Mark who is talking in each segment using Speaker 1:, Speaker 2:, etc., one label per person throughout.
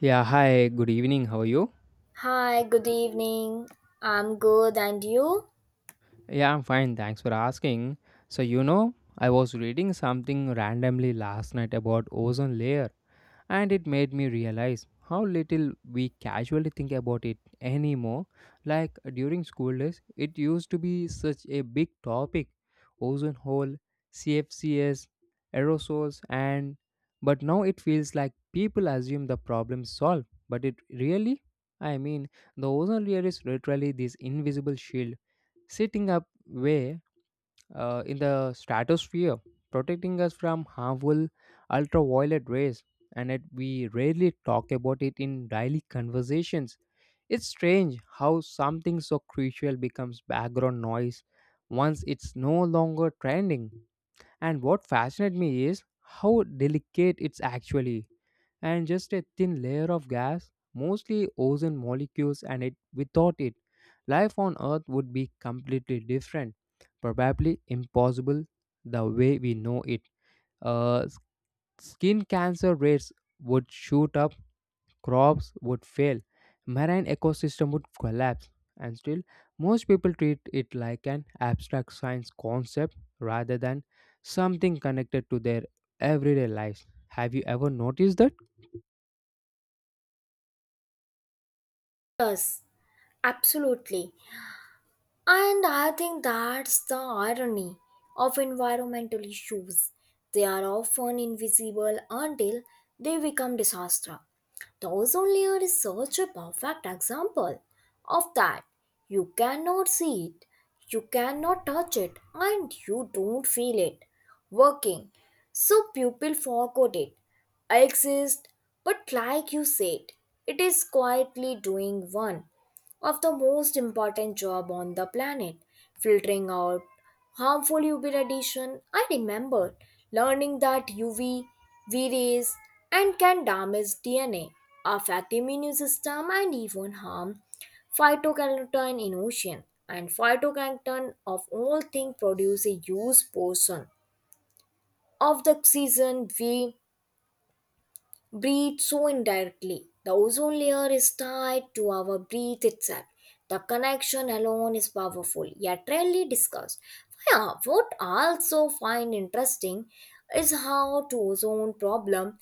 Speaker 1: Yeah, hi, good evening. How are you?
Speaker 2: Hi, good evening. I'm good, and you?
Speaker 1: Yeah, I'm fine. Thanks for asking. I was reading something randomly last night about ozone layer and it made me realize how little we casually think about it anymore. Like during school days, it used to be such a big topic ozone hole, CFCs, aerosols, and but now it feels like people assume the problem solved. But it really, I mean, the ozone layer is literally this invisible shield sitting up way in the stratosphere, protecting us from harmful ultraviolet rays, and yet we rarely talk about it in daily conversations. It's strange how something so crucial becomes background noise once it's no longer trending. And what fascinated me is how delicate it's actually, and just a thin layer of gas, mostly ozone molecules, and it without it, life on Earth would be completely different, probably impossible the way we know it. Uh, s- Skin cancer rates would shoot up, crops would fail, marine ecosystem would collapse, and still most people treat it like an abstract science concept rather than something connected to their everyday lives. Have you ever noticed that?
Speaker 2: Yes, absolutely. And I think that's the irony of environmental issues. They are often invisible until they become disaster. The ozone layer is such a perfect example of that. You cannot see it, you cannot touch it, and you don't feel it working. So people forgot it. I exist, but like you said, it is quietly doing one of the most important job on the planet, filtering out harmful UV radiation. I remember learning that UV V rays and can damage DNA, affect immune system, and even harm phytoplankton in ocean. And phytoplankton of all things produce a huge portion of the oxygen we breathe so indirectly. The ozone layer is tied to our breath itself. The connection alone is powerful, yet rarely discussed. Yeah, what I also find interesting is how to ozone problem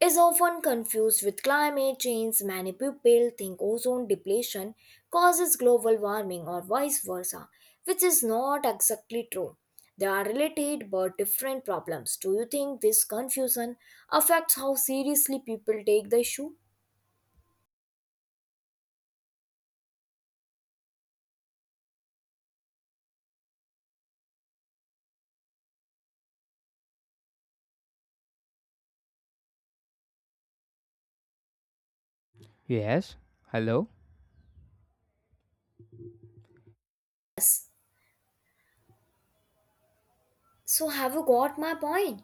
Speaker 2: is often confused with climate change. Many people think ozone depletion causes global warming or vice versa, which is not exactly true. They are related but different problems. Do you think this confusion affects how seriously people take the issue?
Speaker 1: Yes. Hello.
Speaker 2: Yes. So, have you got my point?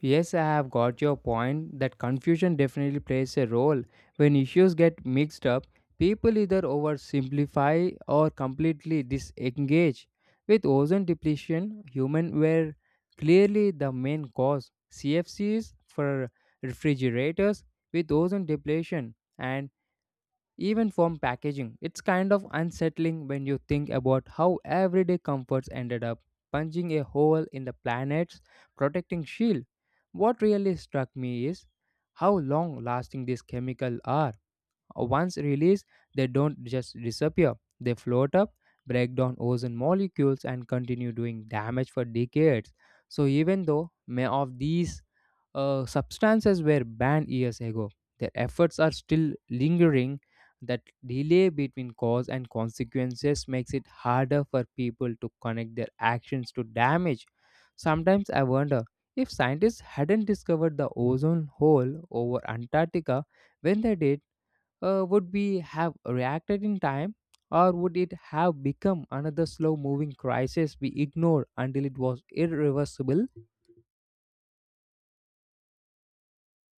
Speaker 1: Yes, I have got your point that confusion definitely plays a role. When issues get mixed up, people either oversimplify or completely disengage. With ozone depletion, humans were clearly the main cause. CFCs for refrigerators with ozone depletion and even from packaging, it's kind of unsettling when you think about how everyday comforts ended up punching a hole in the planet's protecting shield. What really struck me is how long lasting these chemicals are. Once released, they don't just disappear, they float up, break down ozone molecules, and continue doing damage for decades. So, even though many of these substances were banned years ago. Their efforts are still lingering. That delay between cause and consequences makes it harder for people to connect their actions to damage. Sometimes I wonder if scientists hadn't discovered the ozone hole over Antarctica when they did, would we have reacted in time? Or would it have become another slow moving crisis we ignored until it was irreversible?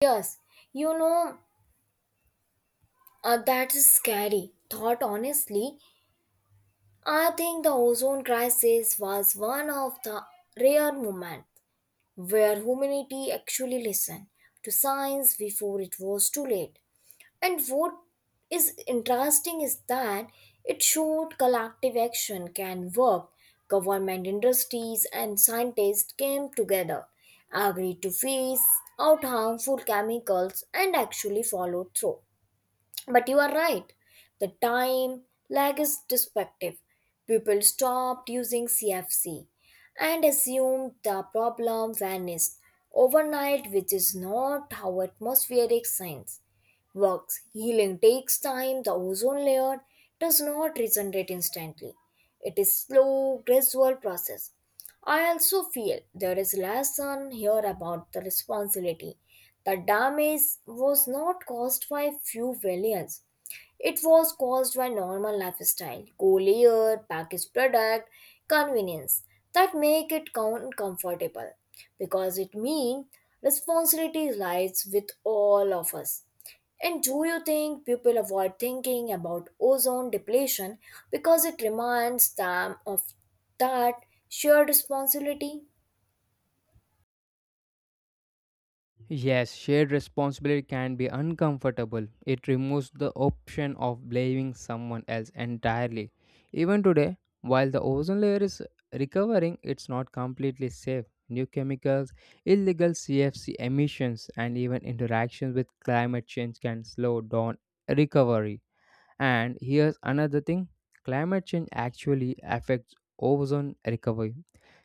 Speaker 2: Yes, you know, that is scary thought, honestly. I think the ozone crisis was one of the rare moments where humanity actually listened to science before it was too late. And what is interesting is that it showed collective action can work. Government, industries, and scientists came together, agreed to phase out harmful chemicals, and actually followed through. But you are right. The time lag is destructive. People stopped using CFC and assumed the problem vanished overnight, which is not how atmospheric science works. Healing takes time. The ozone layer does not regenerate instantly. It is slow, gradual process. I also feel there is lesson here about the responsibility. The damage was not caused by few villains, it was caused by normal lifestyle, cool air, packaged product, convenience that make it count comfortable because it means responsibility lies with all of us. And do you think people avoid thinking about ozone depletion because it reminds them of that shared responsibility?
Speaker 1: Yes, shared responsibility can be uncomfortable. It removes the option of blaming someone else entirely. Even today, while the ozone layer is recovering, it's not completely safe. New chemicals, illegal CFC emissions, and even interactions with climate change can slow down recovery. And here's another thing climate change actually affects ozone recovery.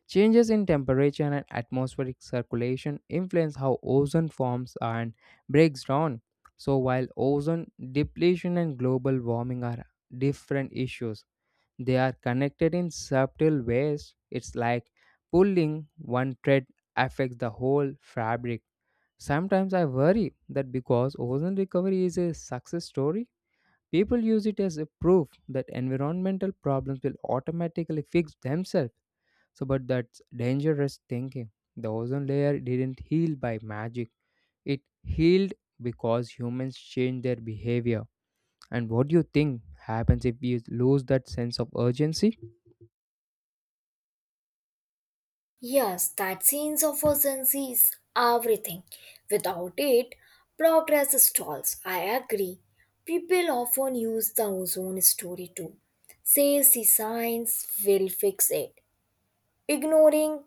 Speaker 1: Changes in temperature and atmospheric circulation influence how ozone forms and breaks down. So, while ozone depletion and global warming are different issues, they are connected in subtle ways. It's like pulling one thread affects the whole fabric. Sometimes I worry that because ozone recovery is a success story, people use it as a proof that environmental problems will automatically fix themselves. So, but that's dangerous thinking. The ozone layer didn't heal by magic, it healed because humans changed their behavior. And what do you think happens if we lose that sense of urgency?
Speaker 2: Yes, that sense of urgency is everything. Without it, progress stalls. I agree. People often use the ozone story to say the science will fix it, ignoring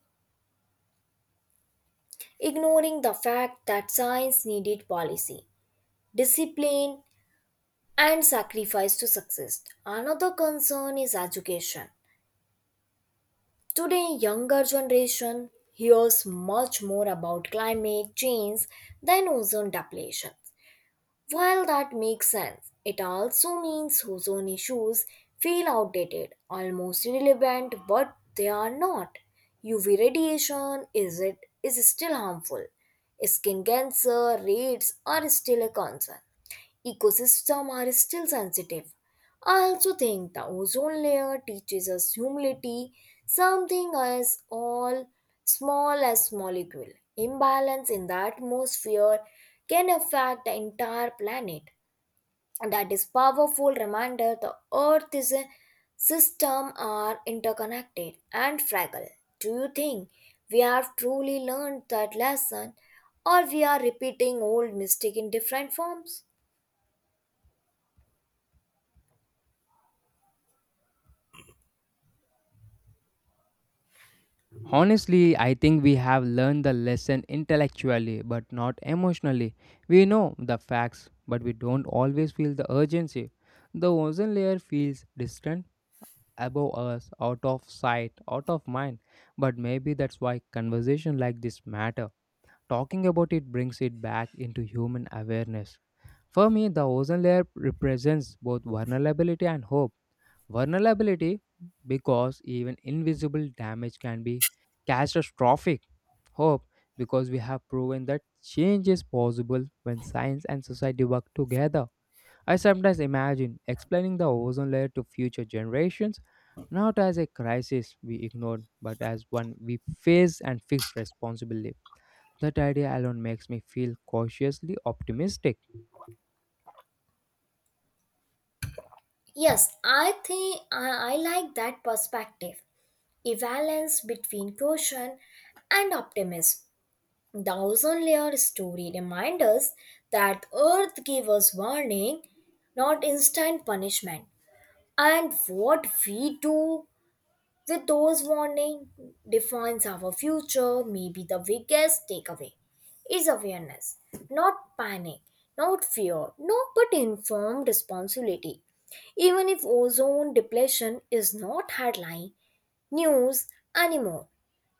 Speaker 2: ignoring the fact that science needed policy, discipline, and sacrifice to success. Another concern is education. Today, younger generation hears much more about climate change than ozone depletion. While that makes sense, it also means ozone issues feel outdated, almost irrelevant, but they are not. UV radiation is It is still harmful. Skin cancer rates are still a concern ecosystems are still sensitive. I also think the ozone layer teaches us humility, something as all small as molecule. Imbalance in the atmosphere can affect the entire planet. That is powerful reminder the earth is a system are interconnected and fragile. Do you think we have truly learned that lesson or we are repeating old mistake in different forms?
Speaker 1: Honestly, I think we have learned the lesson intellectually but not emotionally. We know the facts, but we don't always feel the urgency. The ozone layer feels distant, above us, out of sight, out of mind. But maybe that's why conversation like this matter. Talking about it brings it back into human awareness. For me, the ozone layer represents both vulnerability and hope. Vulnerability because even invisible damage can be catastrophic. Hope because we have proven that change is possible when science and society work together. I sometimes imagine explaining the ozone layer to future generations not as a crisis we ignored but as one we face and fix responsibly. That idea alone makes me feel cautiously optimistic.
Speaker 2: Yes, I think I like that perspective. A balance between caution and optimism. The ozone layer story reminds us that Earth gave us warning, not instant punishment. And what we do with those warnings defines our future, maybe the biggest takeaway is awareness, not panic, not fear, no but informed responsibility. Even if ozone depletion is not headline news anymore,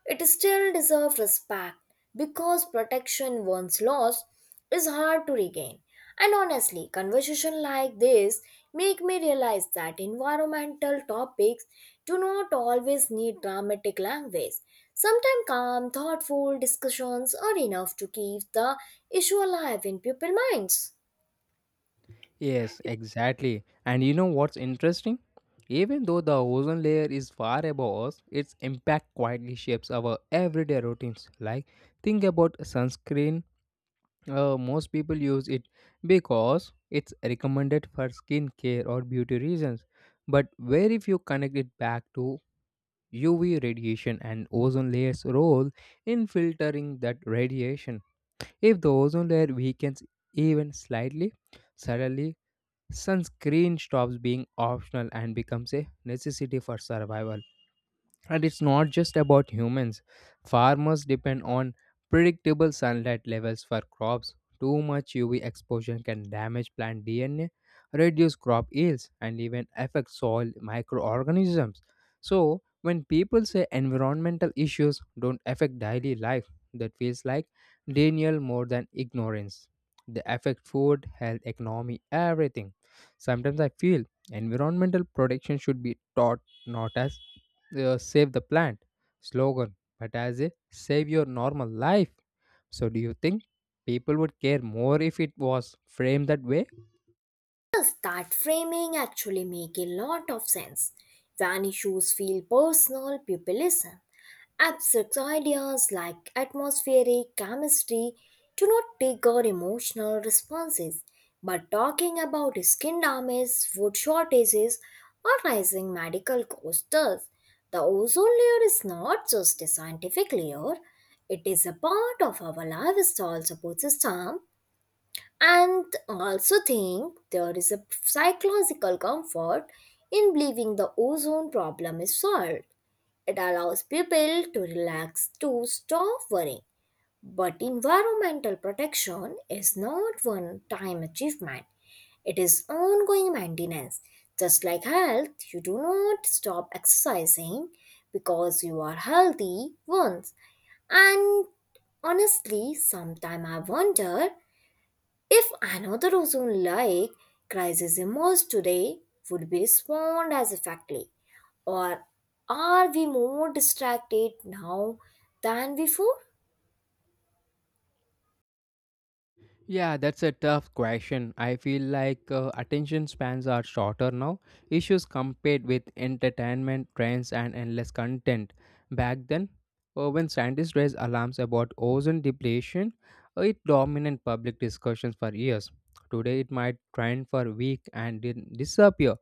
Speaker 2: it still deserves respect because protection once lost is hard to regain. And honestly, conversation like this make me realize that environmental topics do not always need dramatic language. Sometimes calm, thoughtful discussions are enough to keep the issue alive in people's minds.
Speaker 1: Yes, exactly. And you know what's interesting? Even though the ozone layer is far above us, its impact quietly shapes our everyday routines. Like, think about sunscreen. Most people use it because it's recommended for skincare or beauty reasons, but very few connect it back to UV radiation and ozone layer's role in filtering that radiation. If the ozone layer weakens even slightly, suddenly sunscreen stops being optional and becomes a necessity for survival. And it's not just about humans. Farmers depend on predictable sunlight levels for crops. Too much UV exposure can damage plant DNA, reduce crop yields, and even affect soil microorganisms. So, when people say environmental issues don't affect daily life, that feels like denial more than ignorance. They affect food, health, economy, everything. Sometimes I feel environmental protection should be taught not as save the plant slogan, but as a save your normal life. So, do you think people would care more if it was framed that way?
Speaker 2: Does that framing actually make a lot of sense. When issues feel personal, people listen. Abstract ideas like atmospheric chemistry do not trigger emotional responses. But talking about skin damage, food shortages, or rising medical costs does. The ozone layer is not just a scientific layer, it is a part of our lifestyle support system and also think there is a psychological comfort in believing the ozone problem is solved. It allows people to relax to stop worrying. But environmental protection is not one time achievement, it is ongoing maintenance. Just like health, you do not stop exercising because you are healthy once. And honestly, sometimes I wonder if another ozone like crisis emerged today, would we respond as effectively? Or are we more distracted now than before?
Speaker 1: Yeah, that's a tough question. I feel like attention spans are shorter now. Issues compared with entertainment, trends, and endless content. Back then, when scientists raised alarms about ozone depletion, it dominated public discussions for years. Today, it might trend for a week and then disappear.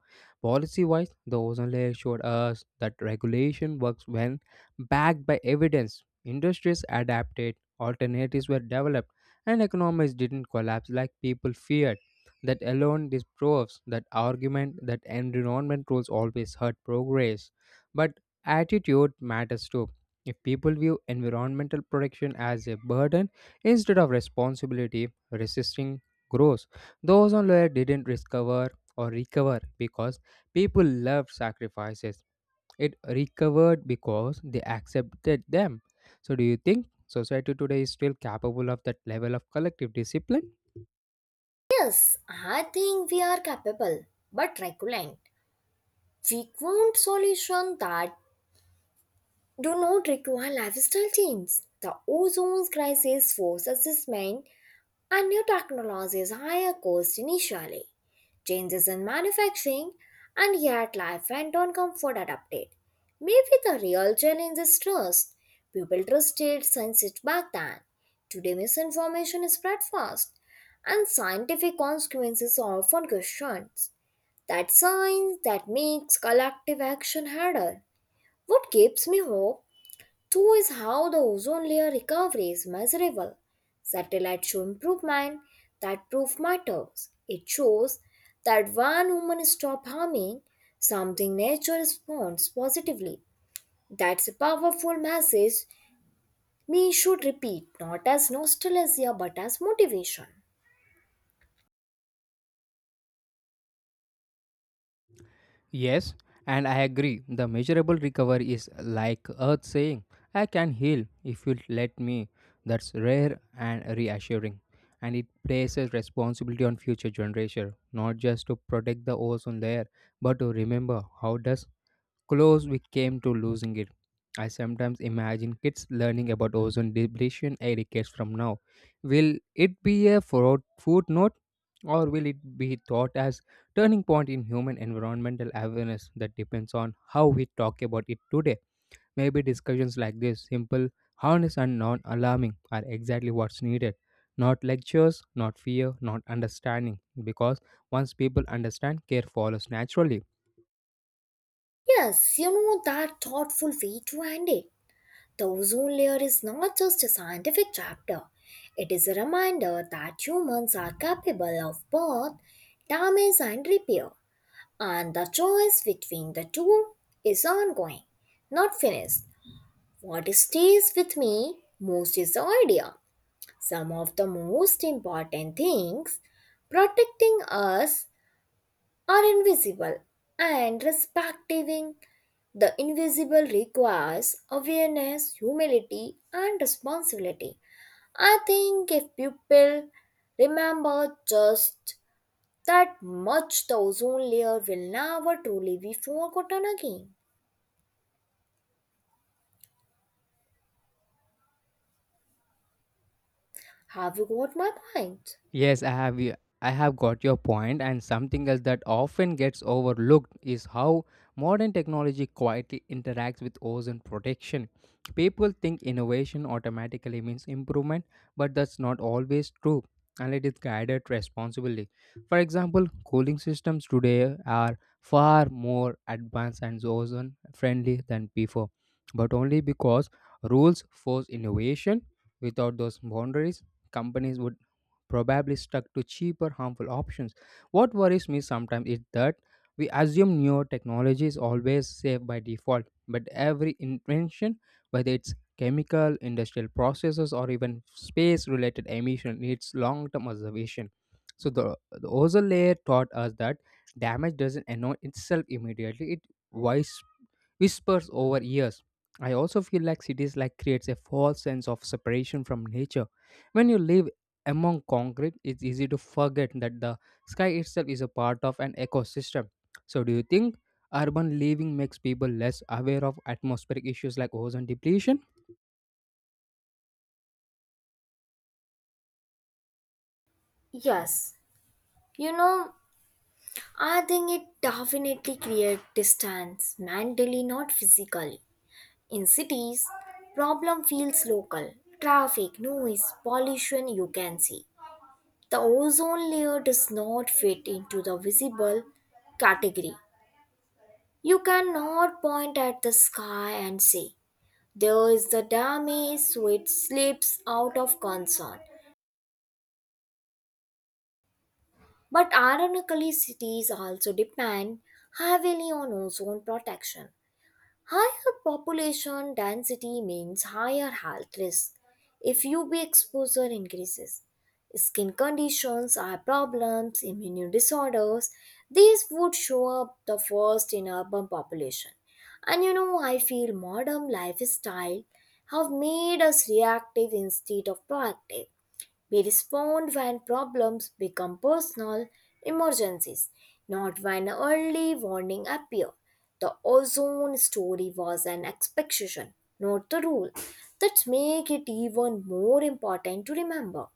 Speaker 1: Policy wise, the ozone layer showed us that regulation works when backed by evidence. Industries adapted, alternatives were developed and economies didn't collapse like people feared. That alone this proves that argument that environment rules always hurt progress. But attitude matters too. If people view environmental protection as a burden instead of responsibility, resisting grows. Those on lower didn't discover or recover because people loved sacrifices it recovered because they accepted them. So, do you think society today is still capable of that level of collective discipline?
Speaker 2: Yes, I think we are capable, but resilient. We want solutions that do not require lifestyle change. The ozone crisis forces assessment and new technologies higher cost initially. Changes in manufacturing, and yet life went on comfort adapted. Maybe the real challenge is trust. People trusted science it back then. Today misinformation is spread fast, and scientific consequences are often questioned. That science that makes collective action harder. What gives me hope Two is how the ozone layer recovery is measurable. Satellites show improvement that proof matters. It shows that when humans stop harming something, nature responds positively. That's a powerful message we should repeat, not as nostalgia but as motivation.
Speaker 1: Yes, and I agree. The measurable recovery is like Earth saying, I can heal if you let me. That's rare and reassuring. And it places responsibility on future generation, not just to protect the ozone layer, but to remember how does close we came to losing it. I sometimes imagine kids learning about ozone depletion eight decades from now. Will it be a footnote or will it be thought as turning point in human environmental awareness that depends on how we talk about it today? Maybe discussions like this, simple, honest and non-alarming, are exactly what's needed. Not lectures, not fear, not understanding, because once people understand, care follows naturally.
Speaker 2: Yes, you know that thoughtful way to end it. The ozone layer is not just a scientific chapter, it is a reminder that humans are capable of both damage and repair, and the choice between the two is ongoing, not finished. What stays with me most is the idea. Some of the most important things protecting us are invisible and respecting the invisible requires awareness, humility, and responsibility. I think if people remember just that much, the ozone layer will never truly be forgotten again. Have you got my point?
Speaker 1: Yes, I have y- I have got your point and something else that often gets overlooked is how modern technology quietly interacts with ozone protection. People think innovation automatically means improvement, but that's not always true unless it's guided responsibly. For example, cooling systems today are far more advanced and ozone friendly than before, but only because rules force innovation. Without those boundaries, companies would probably stuck to cheaper, harmful options. What worries me sometimes is that we assume newer technology is always safe by default, but every invention, whether it's chemical, industrial processes, or even space related emission, needs long term observation. So, the ozone layer taught us that damage doesn't announce itself immediately, it wise whispers over years. I also feel like cities like creates a false sense of separation from nature. When you live among concrete, it's easy to forget that the sky itself is a part of an ecosystem. So, do you think urban living makes people less aware of atmospheric issues like ozone depletion?
Speaker 2: Yes, you know, I think it definitely creates distance mentally, not physically. In cities, problem feels local. Traffic, noise, pollution you can see. The ozone layer does not fit into the visible category. You cannot point at the sky and say, there is the damage, so it slips out of concern. But ironically, cities also depend heavily on ozone protection. Higher population density means higher health risk if UV exposure increases. Skin conditions, eye problems, immune disorders, these would show up the first in urban population. And you know, I feel modern lifestyle have made us reactive instead of proactive. We respond when problems become personal emergencies, not when early warning appear. The ozone story was an exception, not the rule. That make it even more important to remember.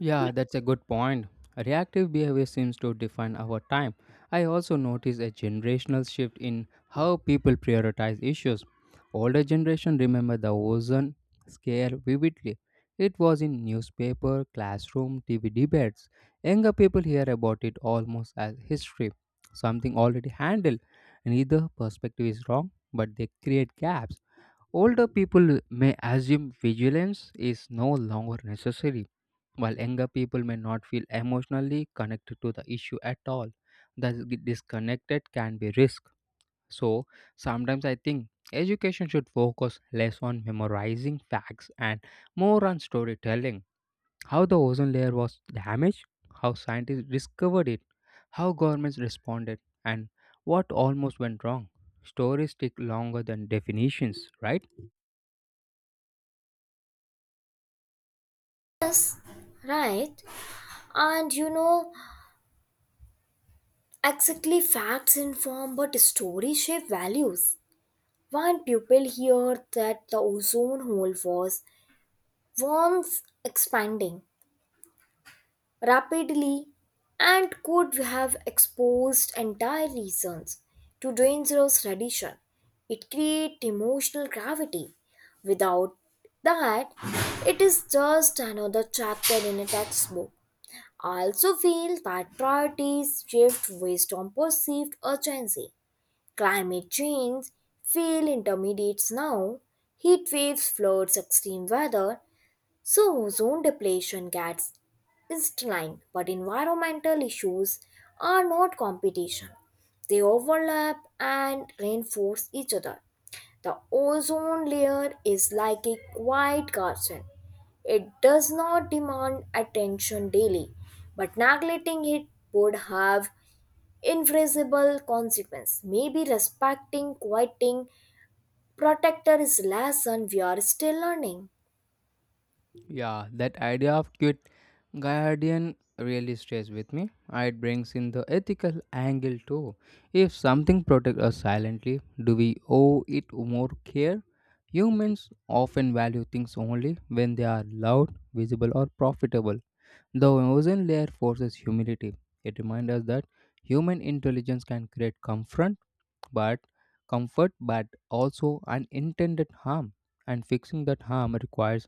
Speaker 1: Yeah, that's a good point. Reactive behavior seems to define our time. I also notice a generational shift in how people prioritize issues. Older generation remember the ozone scare vividly. It was in newspaper, classroom, TV debates. Younger people hear about it almost as history, something already handled. Neither perspective is wrong, but they create gaps. Older people may assume vigilance is no longer necessary while younger people may not feel emotionally connected to the issue at all, the disconnected can be risk. So sometimes I think education should focus less on memorizing facts and more on storytelling. How the ozone layer was damaged, how scientists discovered it, how governments responded, and what almost went wrong. Stories stick longer than definitions, right?
Speaker 2: Right? And you know, exactly facts inform but stories shape values. When people hear that the ozone hole was once expanding, rapidly and could have exposed entire regions to dangerous radiation. It creates emotional gravity. Without that, it is just another chapter in a textbook. I also feel that priorities shift based on perceived urgency. Climate change feel intermediates now. Heat waves, floods, extreme weather, so, ozone depletion gets line, but environmental issues are not competition. They overlap and reinforce each other. The ozone layer is like a quiet garden. It does not demand attention daily, but neglecting it would have invisible consequence. Maybe respecting, quieting, protector is lesson we are still learning.
Speaker 1: Yeah, that idea of cute guardian really stays with me. It brings in the ethical angle too. If something protects us silently, do we owe it more care? Humans often value things only when they are loud, visible, or profitable. The ozone layer forces humility. It reminds us that human intelligence can create but comfort, but also unintended harm. And fixing that harm requires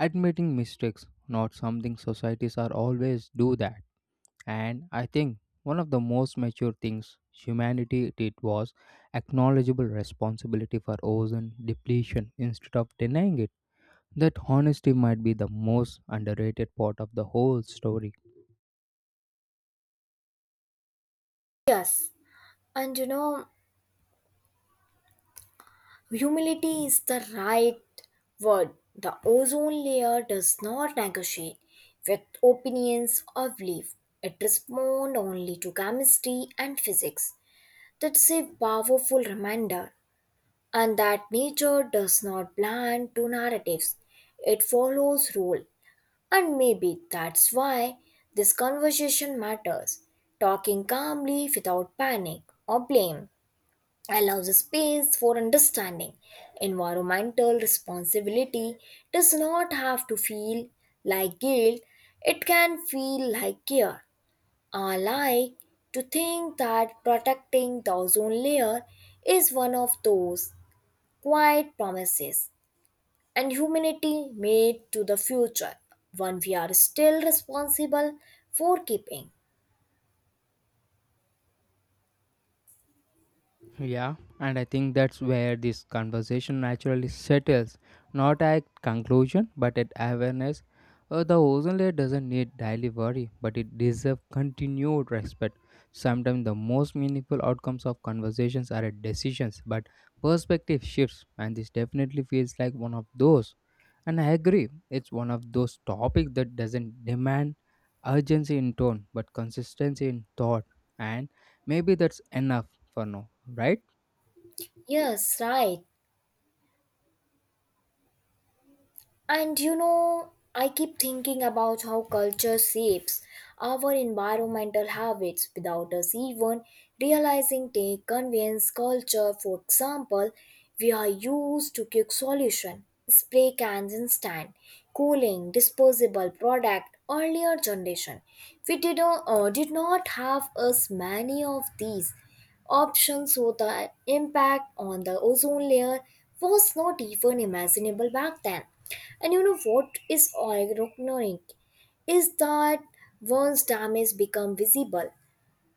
Speaker 1: admitting mistakes not something societies are always do that and I think one of the most mature things humanity did was acknowledgeable responsibility for ozone depletion instead of denying it that honesty might be the most underrated part of the whole story.
Speaker 2: Yes, and you know Humility is the right word. The ozone layer does not negotiate with opinions or belief. It responds only to chemistry and physics. That's a powerful reminder, and that nature does not plan to narratives. It follows rule, and maybe that's why this conversation matters. Talking calmly without panic or blame allows space for understanding. Environmental responsibility does not have to feel like guilt, it can feel like care. I like to think that protecting the ozone layer is one of those quiet promises and humanity made to the future, one we are still responsible for keeping.
Speaker 1: Yeah, and I think that's where this conversation naturally settles. Not at conclusion, but at awareness. The ozone layer doesn't need daily worry, but it deserves continued respect. Sometimes the most meaningful outcomes of conversations are at decisions, but perspective shifts, and this definitely feels like one of those. And I agree, it's one of those topics that doesn't demand urgency in tone, but consistency in thought. And maybe that's enough for now, right?
Speaker 2: Yes, right. And you know, I keep thinking about how culture shapes our environmental habits without us even realizing they Convenience culture. For example, we are used to quick solution, spray cans instant, cooling, disposable product, earlier generation. We did not have as many of these Options so the impact on the ozone layer was not even imaginable back then. And you know what is ironic is that once damage become visible,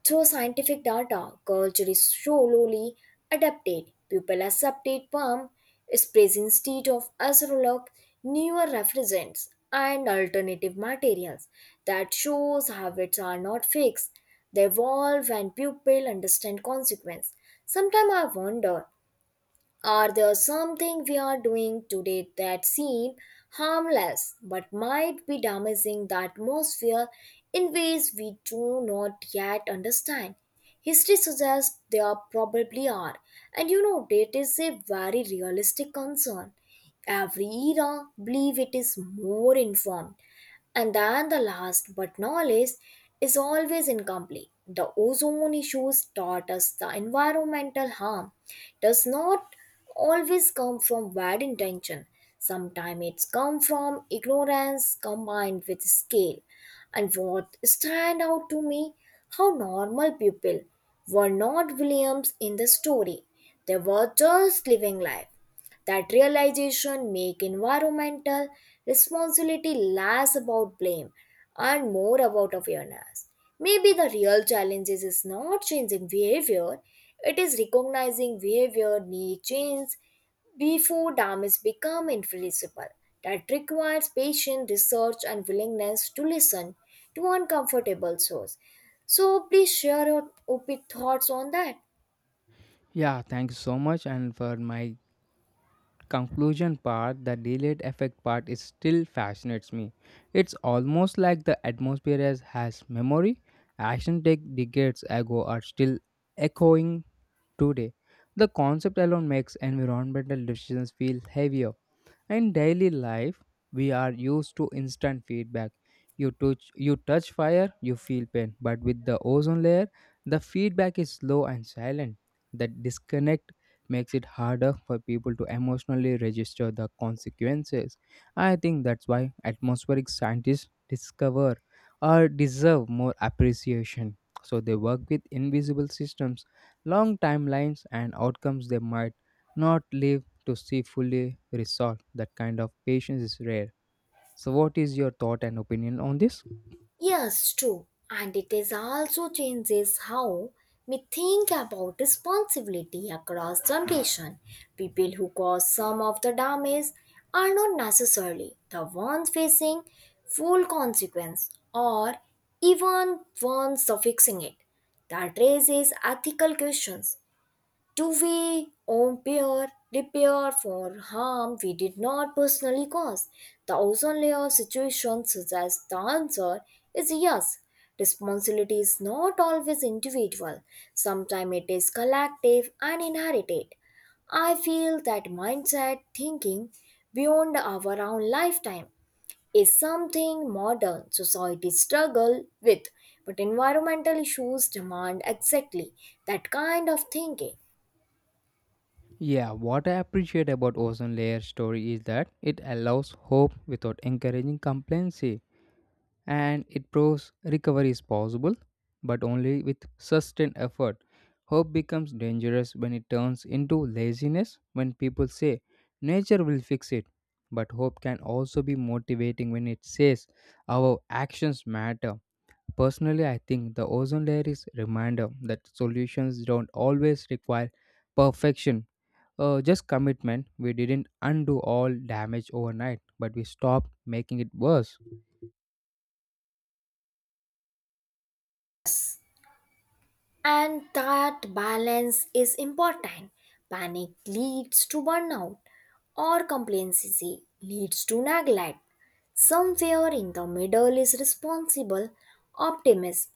Speaker 2: through scientific data, culture is slowly adapted. People accepted palm is present instead of acetylog, newer refrigerants, and alternative materials. That shows habits are not fixed. They evolve and people understand consequence. Sometimes I wonder are there something we are doing today that seem harmless but might be damaging the atmosphere in ways we do not yet understand? History suggests there probably are, and you know that is a very realistic concern. Every era believe it is more informed and then the last but not least is always incomplete. The ozone issues taught us the environmental harm does not always come from bad intention. Sometimes it's come from ignorance combined with scale. And what stand out to me how normal people were not Williams in the story. They were just living life that realization make environmental responsibility less about blame and more about awareness. Maybe the real challenge is not changing behavior, it is recognizing behavior need change before damage become irreversible. That requires patient research and willingness to listen to uncomfortable source. So please share your op thoughts on that.
Speaker 1: Yeah, thanks so much. And for my conclusion part, the delayed effect part is still fascinates me. It's almost like the atmosphere has memory. Action take decades ago are still echoing today. The concept alone makes environmental decisions feel heavier. In daily life, we are used to instant feedback. You touch fire, you feel pain. But with the ozone layer, the feedback is slow and silent. That disconnect makes it harder for people to emotionally register the consequences. I think that's why atmospheric scientists discover or deserve more appreciation. So they work with invisible systems, long timelines, and outcomes they might not live to see fully resolved. That kind of patience is rare. So, what is your thought and opinion on this?
Speaker 2: Yes, true. And it is also changes how we think about responsibility across generation. People who cause some of the damage are not necessarily the ones facing full consequence or even ones of fixing it. That raises ethical questions to we impair, repair for harm we did not personally cause? The ozone layer situation suggests the answer is yes. Responsibility is not always individual, sometimes it is collective and inherited. I feel that mindset thinking beyond our own lifetime is something modern societies struggle with, but environmental issues demand exactly that kind of thinking.
Speaker 1: Yeah, what I appreciate about ozone layer story is that it allows hope without encouraging complacency, and it proves recovery is possible, but only with sustained effort. Hope becomes dangerous when it turns into laziness. When people say nature will fix it, but hope can also be motivating when it says our actions matter. Personally, I think the ozone layer is a reminder that solutions don't always require perfection. Just commitment. We didn't undo all damage overnight, but we stopped making it worse.
Speaker 2: And that balance is important. Panic leads to burnout, or complacency leads to neglect. Somewhere in the middle is responsible optimism.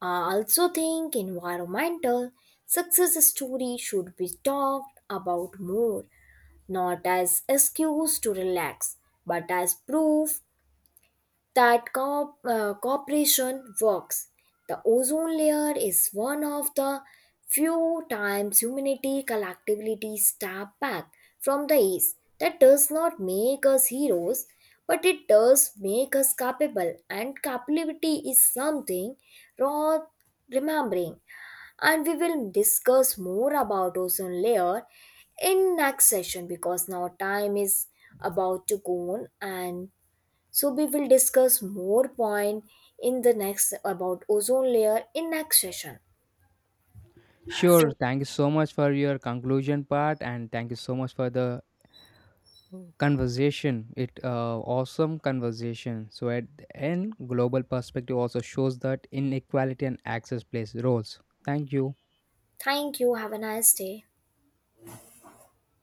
Speaker 2: I also think environmental success story should be talked about more, not as excuse to relax, but as proof that cooperation works. The ozone layer is one of the few times humanity collectively step back from the ace. That does not make us heroes, but it does make us capable, and capability is something worth remembering. And we will discuss more about ozone layer in next session because now time is about to go on and so we will discuss more point in the next about ozone layer in next session.
Speaker 1: Sure,
Speaker 2: So
Speaker 1: thank you so much for your conclusion part, and thank you so much for the conversation. It awesome conversation. So at the end, global perspective also shows that inequality and access plays roles. Thank you.
Speaker 2: thank you. Have a nice day.